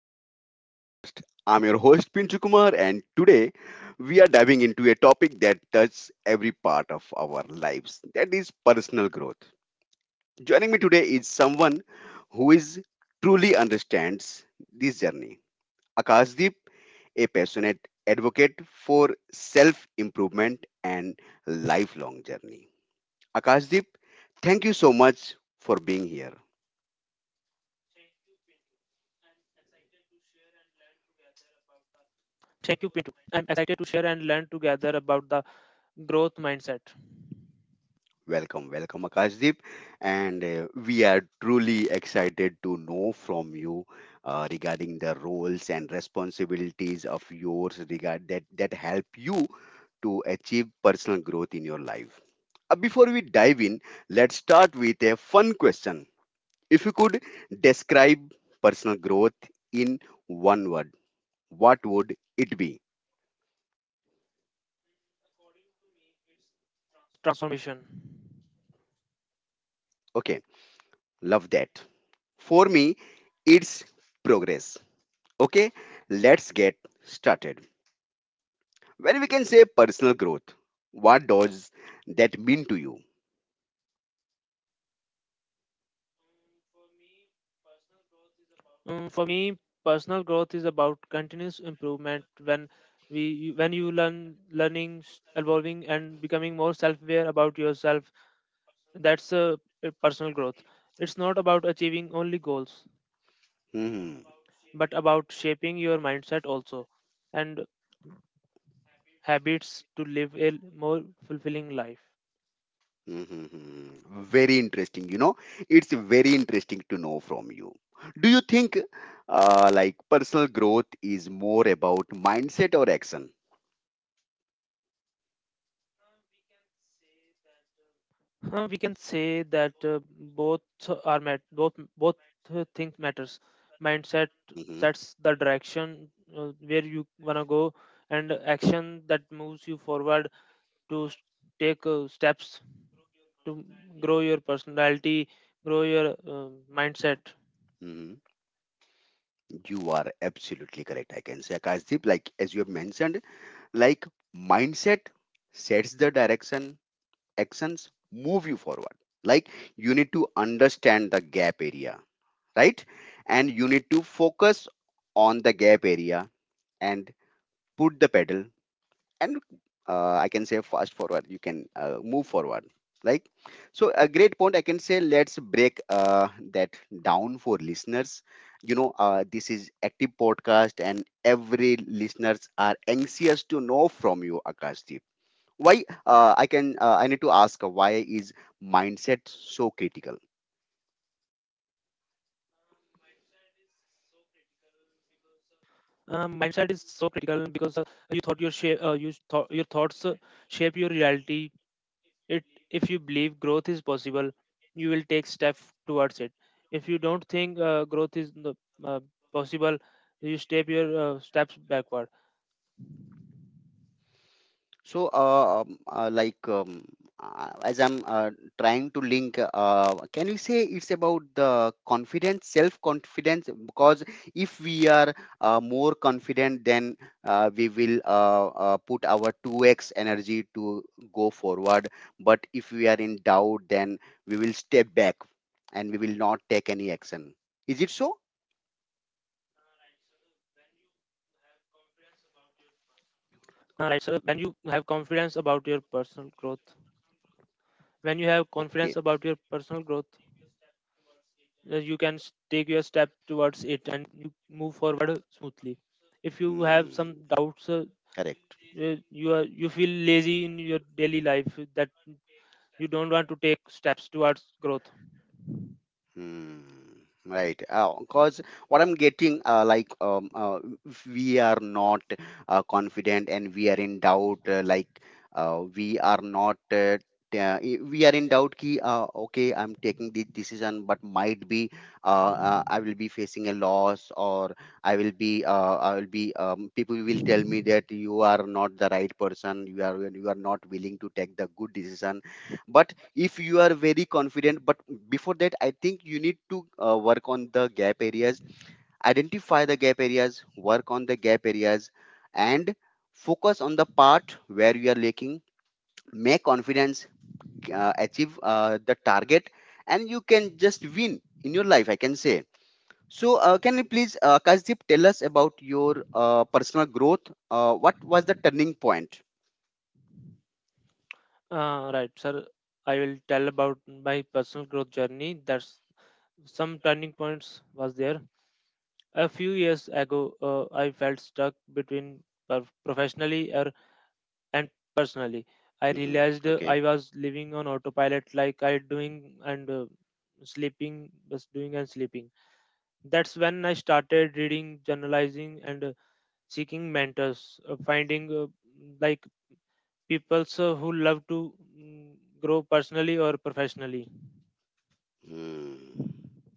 Growth Mind podcast. I'm your host Pinchu Kumar, and today we are diving into a topic that touches every part of our lives, that is personal growth. Joining me today is someone who is truly understands this journey. Akashdeep, a passionate advocate for self improvement and lifelong journey. Akashdeep, thank you so much for being here. Thank you. Active share and learn together about the growth mindset. Welcome, welcome, Akashdeep. And We are truly excited to know from you regarding the roles and responsibilities of yours regard that help you to achieve personal growth in your life. Before we dive in, let's start with a fun question. If you could describe personal growth in one word, what would it be? What do you mean transformation? Okay, love that. For me, it's progress. Okay, let's get started. When we can say personal growth, what does that mean to you? For me, personal growth is about continuous improvement. When when you learning, evolving, and becoming more self-aware about yourself, that's a personal growth. It's not about achieving only goals, but hmm about shaping your mindset also and habits to live a more fulfilling life. hmm. Very interesting. You know, it's very interesting to know from you. Do you think like personal growth is more about mindset or action? We can say that uh, both are met both both things matters. Mindset sets the direction Mm-hmm. Where you want to go, and action that moves you forward to take steps to grow your personality, grow your mindset. Hmm. You are absolutely correct. I can say, Akashdeep, like as you have mentioned, like mindset sets the direction, actions move you forward, like you need to understand the gap area, right, and you need to focus on the gap area and put the pedal, and I can say fast forward you can move forward. Like, so a great point, I can say, let's break that down for listeners. You know, this is active podcast, and every listeners are anxious to know from you, Akash, why. Uh, I can I need to ask why is mindset so critical? Mindset is so clear because your shape you thought your thoughts shape your reality. It If you believe growth is possible, you will take step towards it. If you don't think growth is uh, possible, you step your steps backward. So like as I'm trying to link, can we say it's about the confidence, self confidence, because if we are more confident, then we will put our 2x energy to go forward, but if we are in doubt, then we will step back and we will not take any action. Is it so? Right. So when you have confidence about your personal growth, when you have confidence about your personal growth, Okay. You can take your step towards it and you move forward smoothly. If you have some doubts, Hmm. You feel Correct. lazy in your daily life that you don't want to take steps towards growth. Hmm. Right. Because what I'm getting, if we are not confident and we are in doubt, like, we are not. T- I- we are in doubt ki okay, I'm taking this decision, but might be, I will be facing a loss, or I will be, people will tell me that you are not the right person, you are, you are not willing to take the good decision. But if you are very confident, but before that I think you need to work on the gap areas, identify the gap areas, work on the gap areas, and focus on the part where you are lacking, make confidence, achieve the target, and you can just win in your life, I can say. So, can you please, Kasdeep, tell us about your personal growth. What was the turning point? Right, sir. I will tell about my personal growth journey. That's some turning points was there. A few years ago, I felt stuck between professionally or personally. I Hmm. realized Okay. I was living on autopilot, like I doing and sleeping, just doing and sleeping. That's when I started reading, journalizing, and seeking mentors, finding like people who love to grow personally or professionally. Hmm.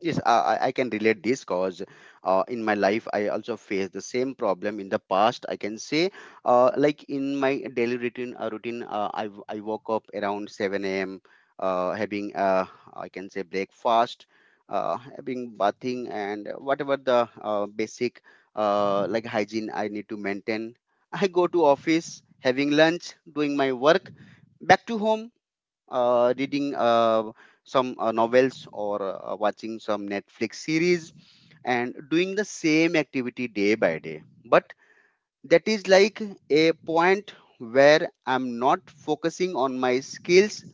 Yes, I, I can relate this, because in my life I also faced the same problem in the past, I can say. Like in my daily routine, routine, I woke up around 7 a.m. Having I can say breakfast, having bathing and whatever the basic like hygiene I need to maintain. I go to office, having lunch, doing my work, back to home, reading some novels or watching some Netflix series, and doing the same activity day by day. But that is like a point where I'm not focusing on my skills,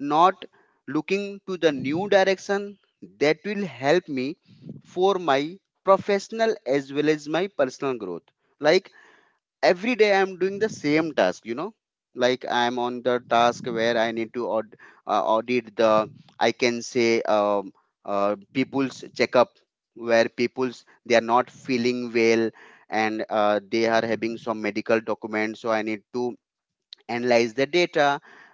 not looking to the new direction that will help me for my professional as well as my personal growth. Like every day I'm doing the same task, you know, like I'm on the task where I need to audit the, I can say, people's checkup, where people's, they are not feeling well, and they are having some medical documents, so I need to analyze the data,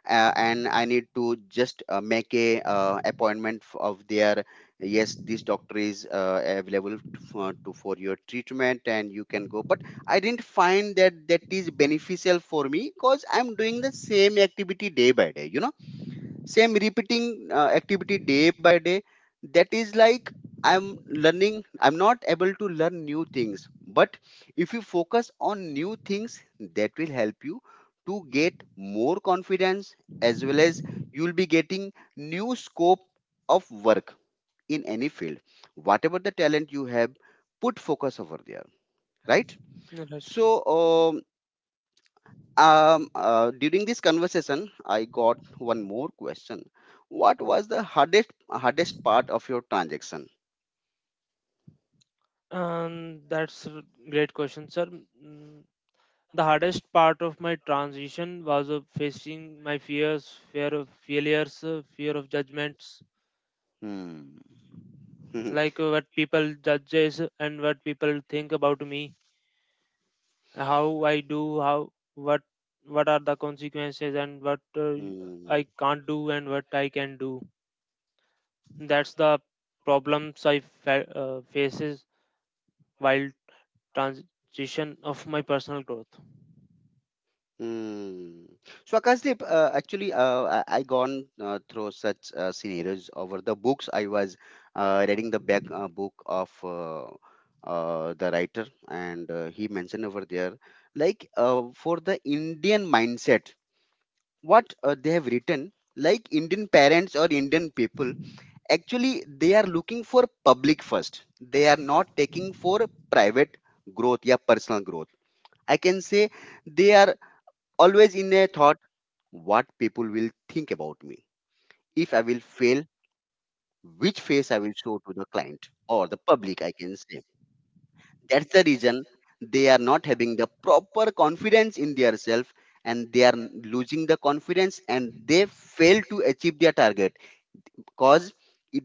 and I need to just make a appointment of their, yes, this doctor is available to for your treatment and you can go. But I didn't find that that is beneficial for me, because I'm doing the same activity day by day, you know, same repeating activity day by day. That is like I'm learning, I'm not able to learn new things. But if you focus on new things, that will help you to get more confidence, as well as you'll be getting new scope of work in any field. Whatever the talent you have, put focus over there, right? No, so That's um, um, uh, during this conversation, I got one more question. What was the hardest part of your transaction? um, that's a great question, sir. Mm, The hardest part of my transition was facing my fears, fear of failures, fear of judgments, Hmm. like what people judges and what people think about me, how I do, how what what are the consequences and what uh, Hmm. I can't do and what I can do. That's the problems I faces while transition of my personal growth. Hmm. So, Akashdeep, actually, I gone through such scenarios over the books. I was reading the back book of the writer, and he mentioned over there, like, for the Indian mindset. What they have written, like Indian parents or Indian people, actually they are looking for public first, they are not taking for private growth, yeah, personal growth, I can say. They are always in a thought, what people will think about me if I will fail, which face I will show to the client or the public, I can say. That's the reason they are not having the proper confidence in their self, and they are losing the confidence, and they fail to achieve their target. Cause it,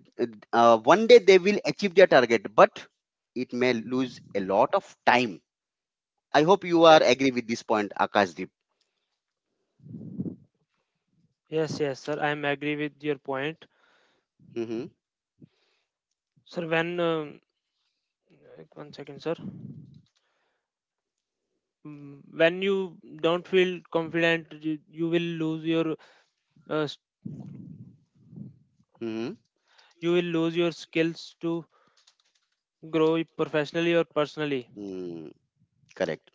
one day they will achieve their target, but it may lose a lot of time. I hope you are agree with this point, Akashdeep. Yes, yes, sir. I am agree with your point, Mm-hmm. sir. When like, one second, sir. When you don't feel confident, you will lose your uh, s- Mm-hmm. Skills to grow it professionally or personally. Mm, correct.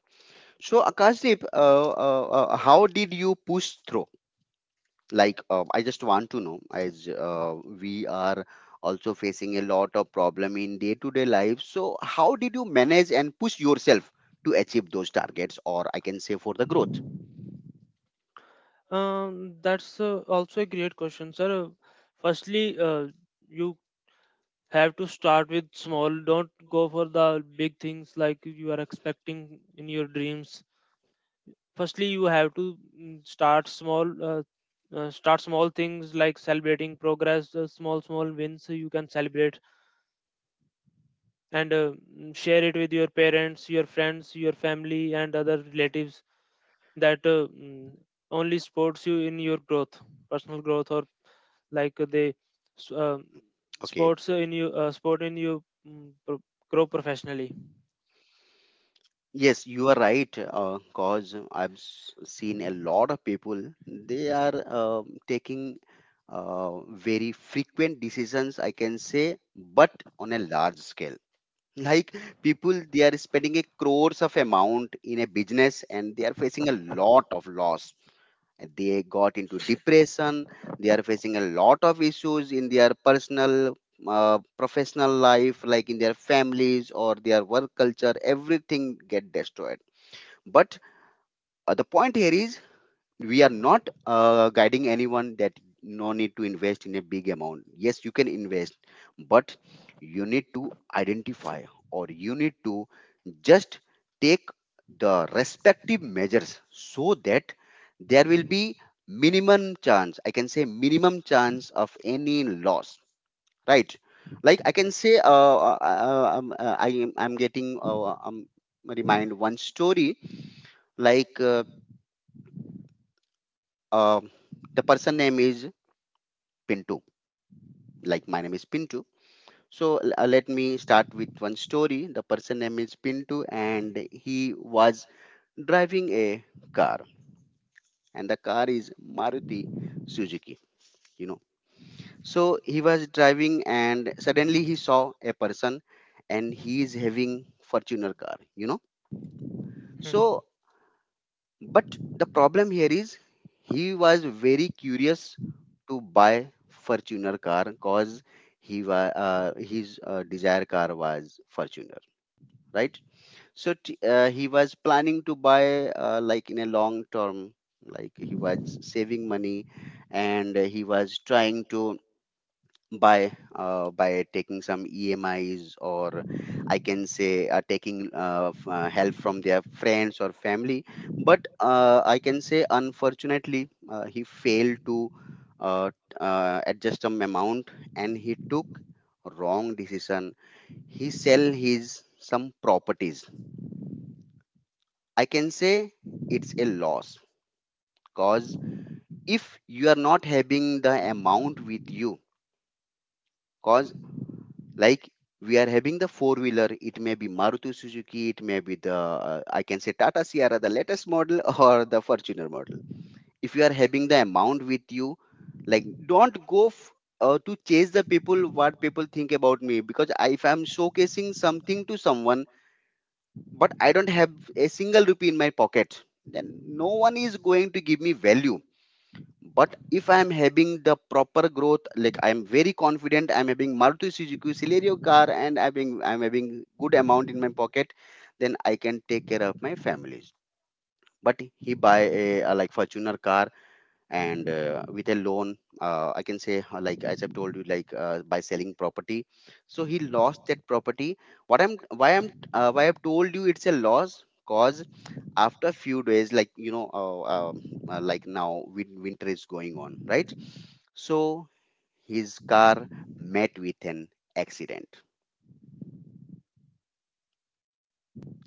So, Akashdeep, how did you push through, like, I just want to know, as we are also facing a lot of problem in day to day life, so how did you manage and push yourself to achieve those targets, or I can say for the growth? That's also a great question, sir. Firstly, you have to start with small. Don't go for the big things like you are expecting in your dreams. Firstly, you have to start small things like celebrating progress, small wins you can celebrate, and share it with your parents, your friends, your family, and other relatives that only supports you in your growth, personal growth, or like they s- uh, Okay. sports in you, sport in you, mm, pro- grow professionally. Yes, you are right. Cause I've seen a lot of people. They are taking very frequent decisions, I can say, but on a large scale. Like people, they are spending a crores of amount in a business, and they are facing a lot of loss. They got into depression. They are facing a lot of issues in their personal, professional life, like in their families or their work culture. Everything get destroyed. But the point here is, we are not guiding anyone that no need to invest in a big amount. Yes, you can invest, but you need to identify, or you need to just take the respective measures, so that there will be minimum chance, I can say, minimum chance of any loss, right? Like I can say, I'm getting mind one story. Like uh, Um, the person name is Pintu. Like my name is Pintu. So, let me start with one story. The person name is Pintu, and he was driving a car. The car is Maruti Suzuki, you know. So he was driving, and suddenly he saw a person, and he is having Fortuner car, you know. Mhm. So, but the problem here is, he was very curious to buy Fortuner car, because he was, his desire car was Fortuner, right? So, he was planning to buy, like in a long term, like he was saving money, and he was trying to by, by taking some EMIs, or I can say taking help from their friends or family. But, I can say, unfortunately, he failed to uh, adjust some amount, and he took wrong decision. He sell his some properties. I can say it's a loss because if you are not having the amount with you, because like we are having the four wheeler. It may be Maruti Suzuki, it may be the I can say Tata Sierra, the latest model or the Fortuner model. If you are having the amount with you, like don't to chase the people, what people think about me, because if I'm showcasing something to someone but I don't have a single rupee in my pocket, then no one is going to give me value. But if I'm having the proper growth, like I'm very confident, I'm having Maruti Suzuki Celerio car and I'm having good amount in my pocket, then I can take care of my families. But he buy a like Fortuner car, and with a loan, I can say like as I've told you, like by selling property. So he lost that property. What I'm why I've told you it's a loss, cause after few days, like like now winter is going on, right? So his car met with an accident.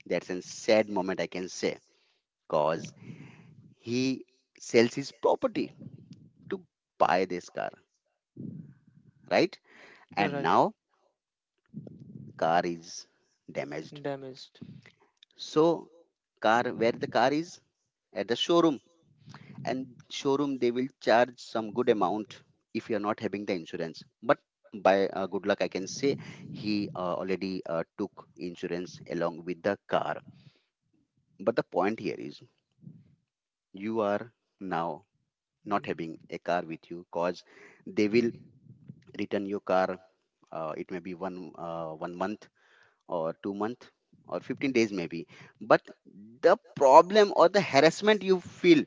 That's a sad moment, I can say, cause he sells his property to buy this car, right? Right. And now car is damaged. Damaged. So car where the car is at the showroom, and showroom they will charge some good amount if you are not having the insurance. But by good luck I can say, he already took insurance along with the car. But the point here is you are now not Mm. having a car with you, cause they will return your car. It may be 1 month or 2 month or 15 days maybe. But the problem or the harassment you feel,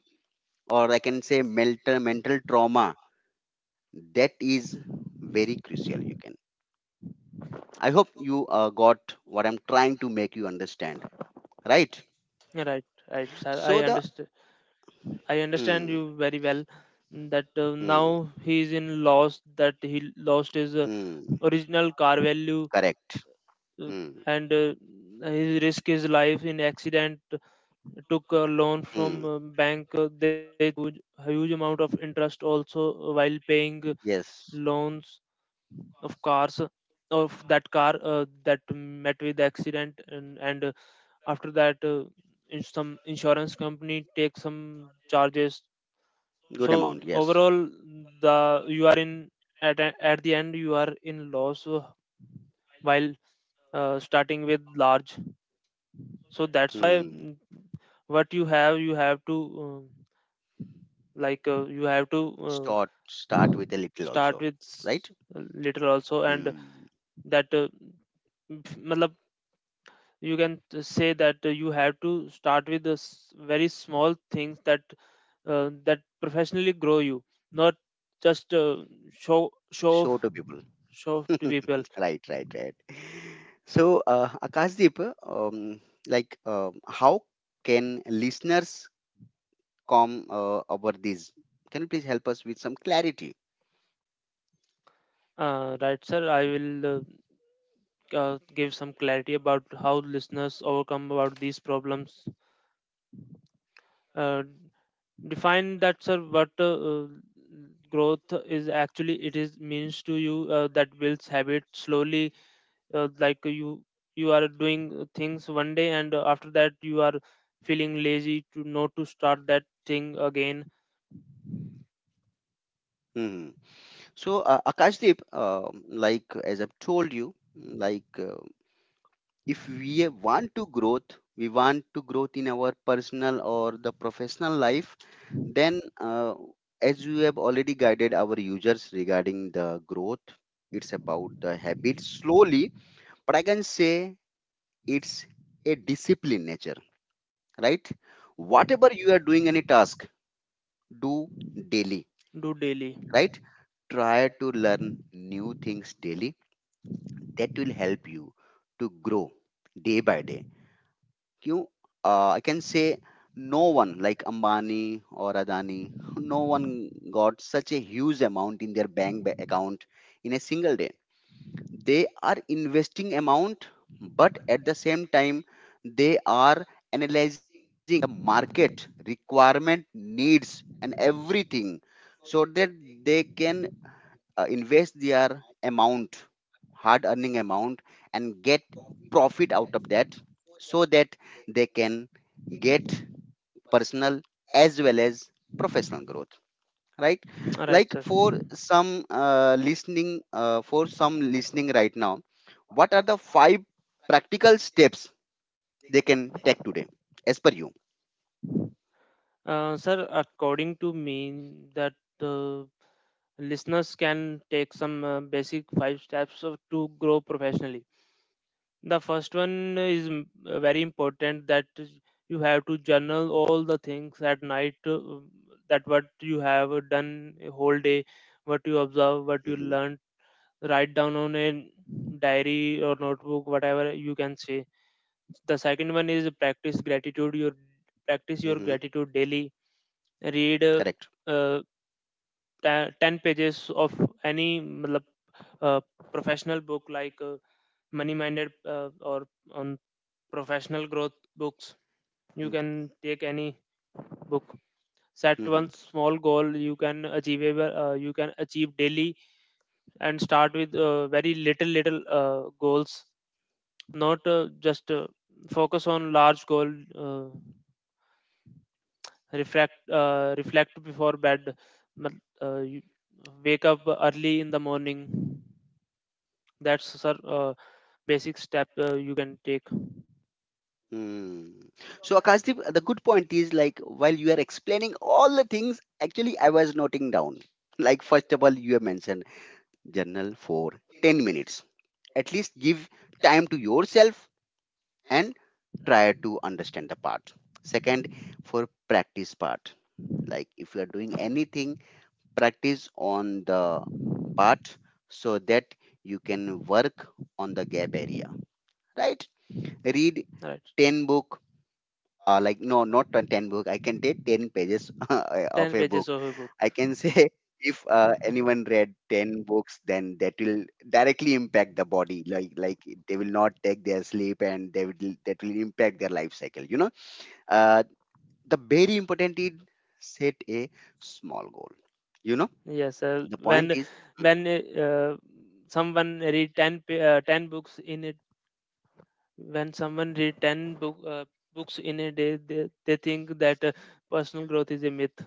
or I can say mental trauma, that is very crucial. You can, I hope you got what I'm trying to make you understand, right? Right, right, sir, I So the understand. I understand mm, you very well that mm, now he is in loss, that he lost his mm, original car value, correct, mm, and he risked his life in accident, took a loan mm, from bank. They took a huge amount of interest also while paying yes, loans of cars, of that car that met with accident, and after that some insurance company take some charges. So good amount, yes, overall, the you are in, at the end you are in loss, while starting with large. So that's why mm, what you have to um, like, you have to uh, start with a little also, start with right, little also. And mm, that matlab, you can say that you have to start with the very small things that professionally grow you, not just show show show off to people. show off to people. Right, right, right. So, Akashdeep, um, like, how can listeners come over this? Can you please help us with some clarity? Right, sir. I will give some clarity about how listeners overcome about these problems. Uh, Define that, sir. What growth is actually it is means to you, that builds habit slowly. Like you are doing things one day, and after that you are feeling lazy to not to start that thing again. Mhm. So, Akashdeep, um, like as I've told you, like if we want to growth, we want to growth in our personal or the professional life, then as you have already guided our users regarding the growth, it's about the habit slowly. But I can say it's a discipline nature, right? Whatever you are doing, any task, do daily, Do daily. right? Try to learn new things daily. That will help you to grow day by day. You I can say no one like Ambani or Adani, no one got such a huge amount in their account in a single day. They are investing amount, but at the same time they are analyzing the market requirement needs and everything, so that they can invest their amount, hard earning amount, and get profit out of that, so that they can get personal as well as professional growth, right? All right, Like sir. for some listening for some listening right now, what are the five practical steps they can take today, as per you? Sir, according to me, that uh, listeners can take some basic five steps to grow professionally. The first one is very important. That is, you have to journal all the things at night, that what you have done a whole day, what you observe, what you Hmm, learned. Write down on a diary or notebook, whatever you can say. The second one is practice gratitude. Your practice your hmm, gratitude daily. Read. Correct, uh, 10 pages of any matlab, uh, professional book, like money minded or on professional growth books. You can take any book. Set hmm. one small goal you can achieve, daily, and start with very little goals, not just focus on large goal. Uh, reflect uh, reflect before bed. mat- you wake up early in the morning. That's, sir, basic step you can take. Mm. So, Akashdeep, the good point is like while you are explaining all the things, actually, I was noting down. Like, first of all, you have mentioned journal for 10 minutes. At least give time to yourself and try to understand the part. Second, for practice part. Like, if you are doing anything, practice on the part so that you can work on the gap area, right? Read Right, 10 book, like no, not a 10 book, I can take 10 pages of ten a book, pages of a I book. can say. If anyone read 10 books, then that will directly impact the body, like they will not take their sleep and they will that will impact their life cycle, you know. uh, the very important is set a small goal, you know, Yes, sir. the point When is. when someone read 10, 10 books in it, when someone read ten books in a day, they think that personal growth is a myth.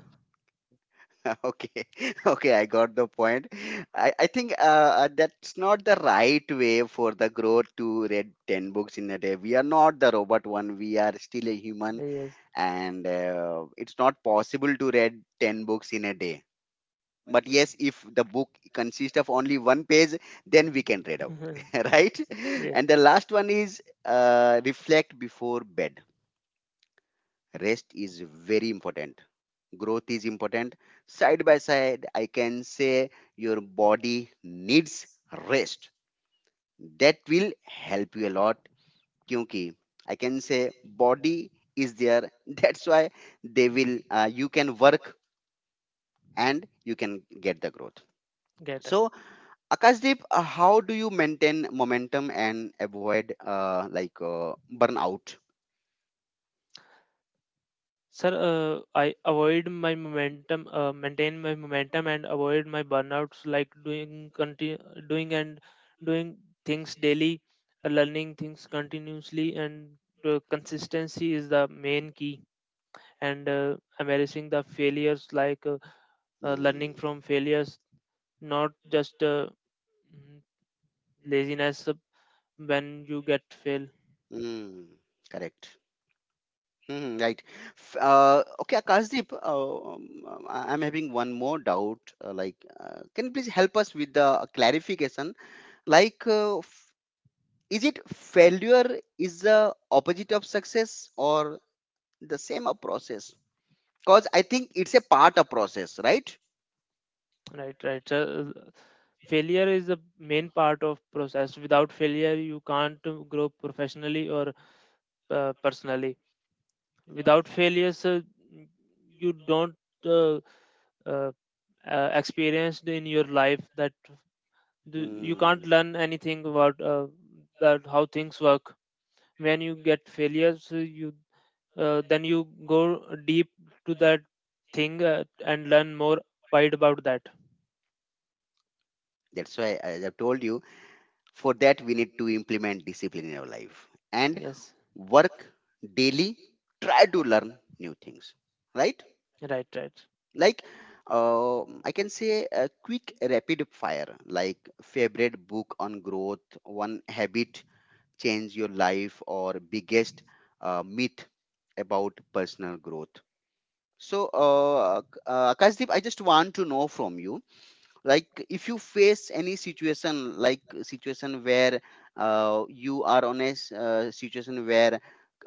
Okay, okay, I got the point. I think that's not the right way for the growth to read 10 books in a day. We are not the robot one, we are still a human, Yes. and it's not possible to read 10 books in a day. But yes, if the book consists of only one page, then we can read out, right? yeah. And the last one is reflect before bed. Rest is very important, growth is important. Side by side, I can say your body needs rest. That will help you a lot. Kyunki I can say body is there. That's why they will. You can work and you can get the growth. Yeah. So, Kasdeep, how do you maintain momentum and avoid burnout? Sir, I avoid my momentum, maintain my momentum, and avoid my burnouts. Like doing continue, doing and doing things daily, learning things continuously, and consistency is the main key. And embracing the failures, like learning Hmm. from failures, not just mm, laziness when you get fail. Hmm. Correct. Mhm, right. Okay, Akashdeep, I'm having one more doubt. Like, can you please help us with the clarification? Like, is it failure is the opposite of success or the same a process? Because I think it's a part of process, right? Right, right. So, failure is the main part of process. Without failure, you can't grow professionally or personally. Without failures, you don't uh, uh, experienced in your life that you Hmm. can't learn anything about how things work. When you get failures, you then you go deep to that thing, and learn more wide about that. That's why as I have told you. For that, we need to implement discipline in our life and Yes, work daily. Try to learn new things, right? right, right. Like I can say a quick rapid fire, like favorite book on growth, one habit change your life, or biggest myth about personal growth. So, Akashdeep, I just want to know from you, like if you face any situation, like situation where you are on situation where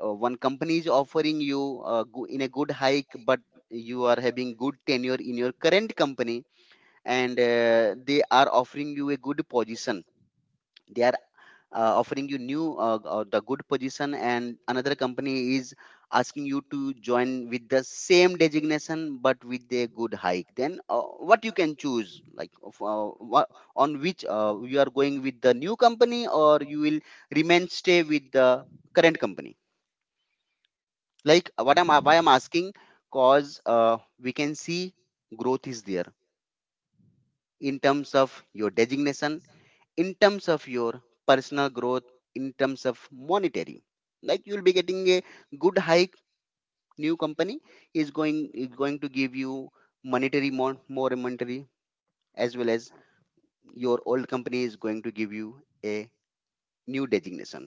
one company is offering you in a good hike, but you are having good tenure in your current company, and they are offering you a good position. They are offering you new the good position, and another company is asking you to join with the same designation but with a good hike. Then what you can choose, like on which you are going with the new company or you will remain stay with the current company. Like what I'm why I'm asking, cause we can see growth is there, in terms of your designation, in terms of your personal growth, in terms of monetary. Like you'll be getting a good hike. New company is going is going to give you monetary more more monetary, as well as your old company is going to give you a new designation,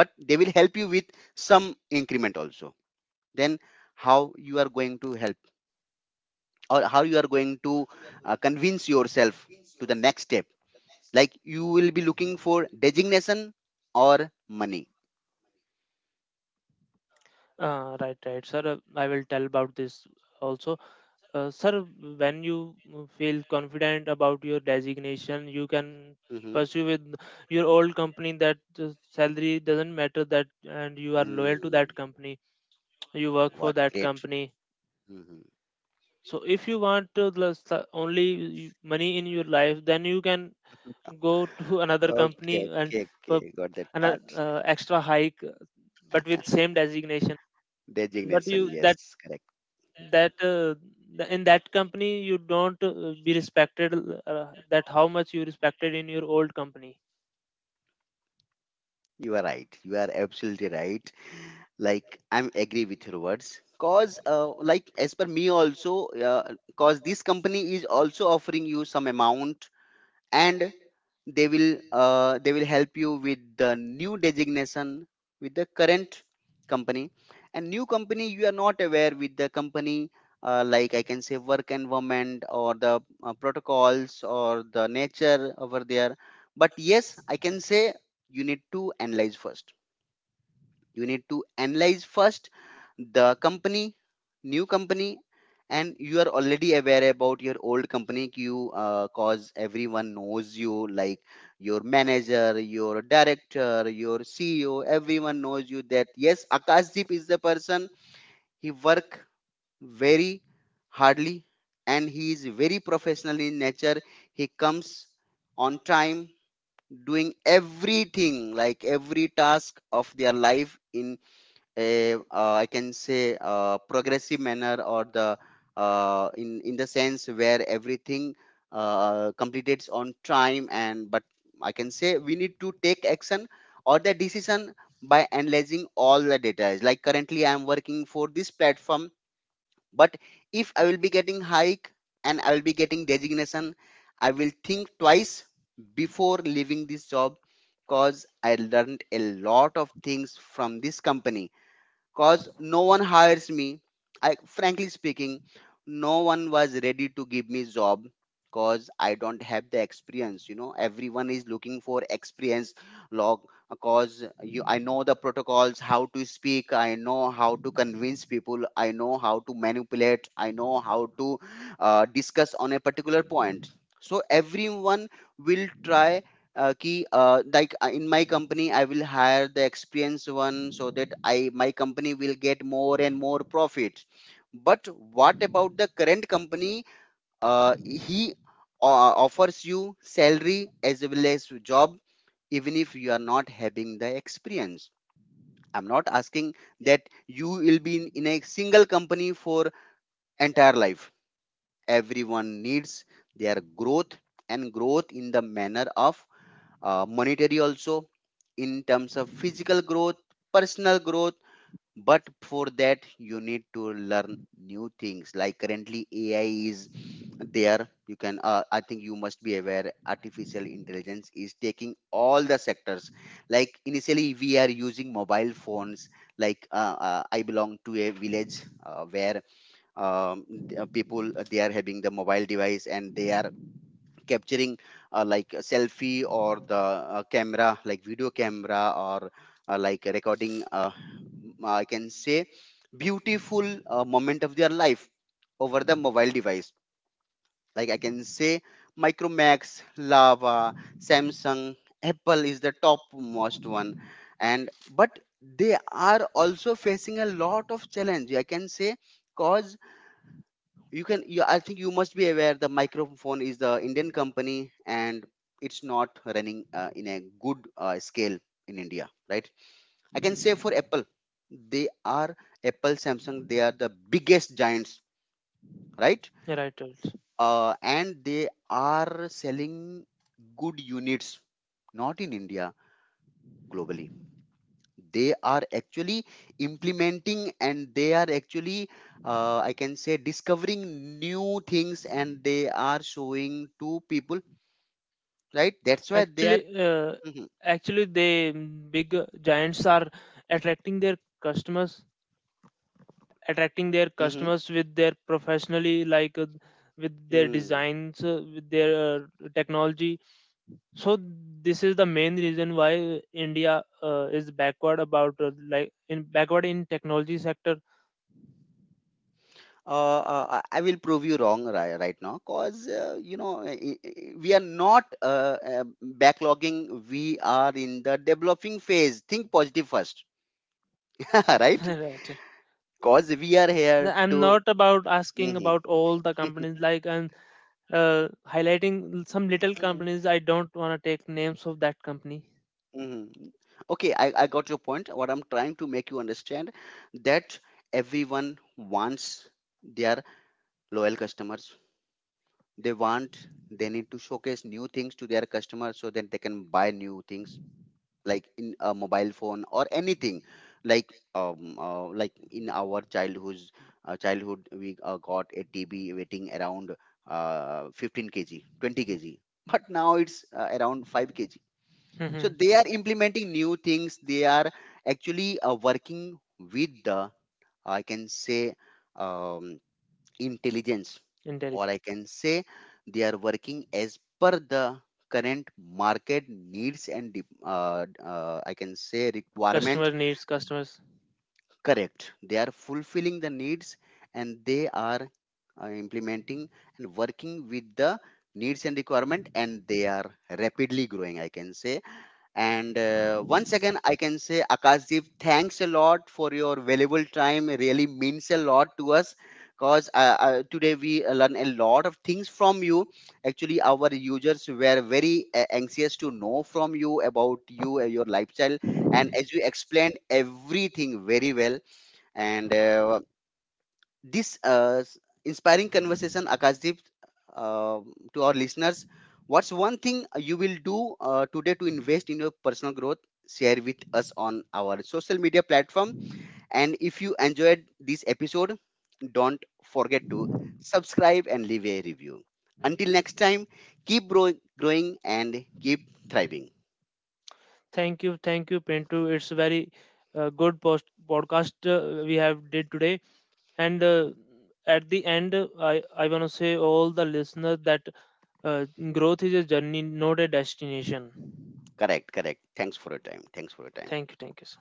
but they will help you with some increment also. Then how you are going to help, or how you are going to convince yourself to the next step? Like you will be looking for designation or money? Right, right, sir. I will tell about this also. Sir, when you feel confident about your designation, you can pursue Mm-hmm. with your old company, that the salary doesn't matter, that and you are loyal to that Mm. company. You work for that What great. company. Mm-hmm. So if you want to lose the only money in your life, then you can go to another company Okay, and okay, for okay. Got an that part. Extra hike, but with same designation. But you Designation, that yes, correct. that the- in that company you don't be respected, that how much you respected in your old company. You are right. You are absolutely right. Like I'm agree with your words. Cause like as per me also, cause this company is also offering you some amount, and they will help you with the new designation with the current company. And new company, you are not aware with the company, like I can say work environment or the protocols or the nature over there. But yes, I can say you need to analyze first, you need to analyze first the company, new company. And you are already aware about your old company. You Cause everyone knows you, like your manager, your director, your CEO. Everyone knows you, that yes, Akashdeep is the person, he work very hardly, and he is very professional in nature. He comes on time, doing everything, like every task of their life in a I can say progressive manner, or the in the sense where everything completes on time. And but I can say we need to take action or the decision by analyzing all the data. Is like currently I am working for this platform, but if I will be getting hike and I will be getting designation, I will think twice before leaving this job, because I learned a lot of things from this company, cause no one hires me. I frankly speaking, no one was ready to give me job, cause I don't have the experience. You know, everyone is looking for experience log, cause you, I know the protocols, how to speak, I know how to convince people, I know how to manipulate, I know how to discuss on a particular point. So everyone will try कि like in my company I will hire the experienced one, so that I my company will get more and more profit. But what about the current company? uh, he offers you salary as well as job, even if you are not having the experience. I'm not asking that you will be in a single company for entire life. Everyone needs their growth, and growth in the manner of monetary also, in terms of physical growth, personal growth. But for that you need to learn new things. Like currently AI is there. You can I think you must be aware, artificial intelligence is taking all the sectors. Like initially we are using mobile phones. Like I belong to a village where people, they are having the mobile device, and they are capturing like a selfie or the camera, like video camera, or like recording, I can say beautiful moment of their life over the mobile device. Like I can say Micromax, Lava, Samsung, Apple is the top most one. And but they are also facing a lot of challenge, I can say, cause you can you, I think you must be aware, the microphone is the Indian company, and it's not running in a good scale in India, right? I can say for Apple, they are, Apple, Samsung, they are the biggest giants, right? Right, right. And they are selling good units, not in India, globally. They are actually implementing, and they are actually I can say discovering new things, and they are showing to people. Right. That's why they are. actually uh, Mhm, actually they big giants are attracting their customers attracting their mhm, customers with their professionally, like with their mm. designs, with their technology. So this is the main reason why India is backward about, like, in backward in technology sector. I will prove you wrong right now, because you know, we are not backlogging. We are in the developing phase. Think positive first, right? Right. Right. Because we are here I'm to. not about asking Hmm. about all the companies, like I'm uh, highlighting some little Mhm, companies. I don't want to take names of that company. mhm. Okay, I got your point. What I'm trying to make you understand, that everyone wants their loyal customers. They want, they need to showcase new things to their customers, so that they can buy new things. Like in a mobile phone or anything. Like like in our childhood, we got a TB weighing around 15 kg, 20 kg, but now it's around 5 kg. So Mhm. So they are implementing new things. They are actually working with the, I can say, um, intelligence, intelligent or I can say they are working as per the current market needs and I can say customer, requirement. right, needs customers. Correct. They are fulfilling the needs, and they are implementing and working with the needs and requirement, and they are rapidly growing, I can say. And once again, I can say, Akashdeep, thanks a lot for your valuable time. It really means a lot to us, because today we learn a lot of things from you. Actually, our users were very anxious to know from you, about you, your lifestyle. And as you explained everything very well, and this inspiring conversation, Akashdeep, uh, to our listeners, what's one thing you will do today to invest in your personal growth? Share with us on our social media platform. And if you enjoyed this episode, don't forget to subscribe and leave a review. Until next time, keep growing and keep thriving. Thank you, thank you, Pintu. It's very good post podcast we have did today. And at the end, I want to say all the listeners that uh, growth is a journey, not a destination. Correct, correct. Thanks for your time. Thanks for your time. Thank you, thank you, sir.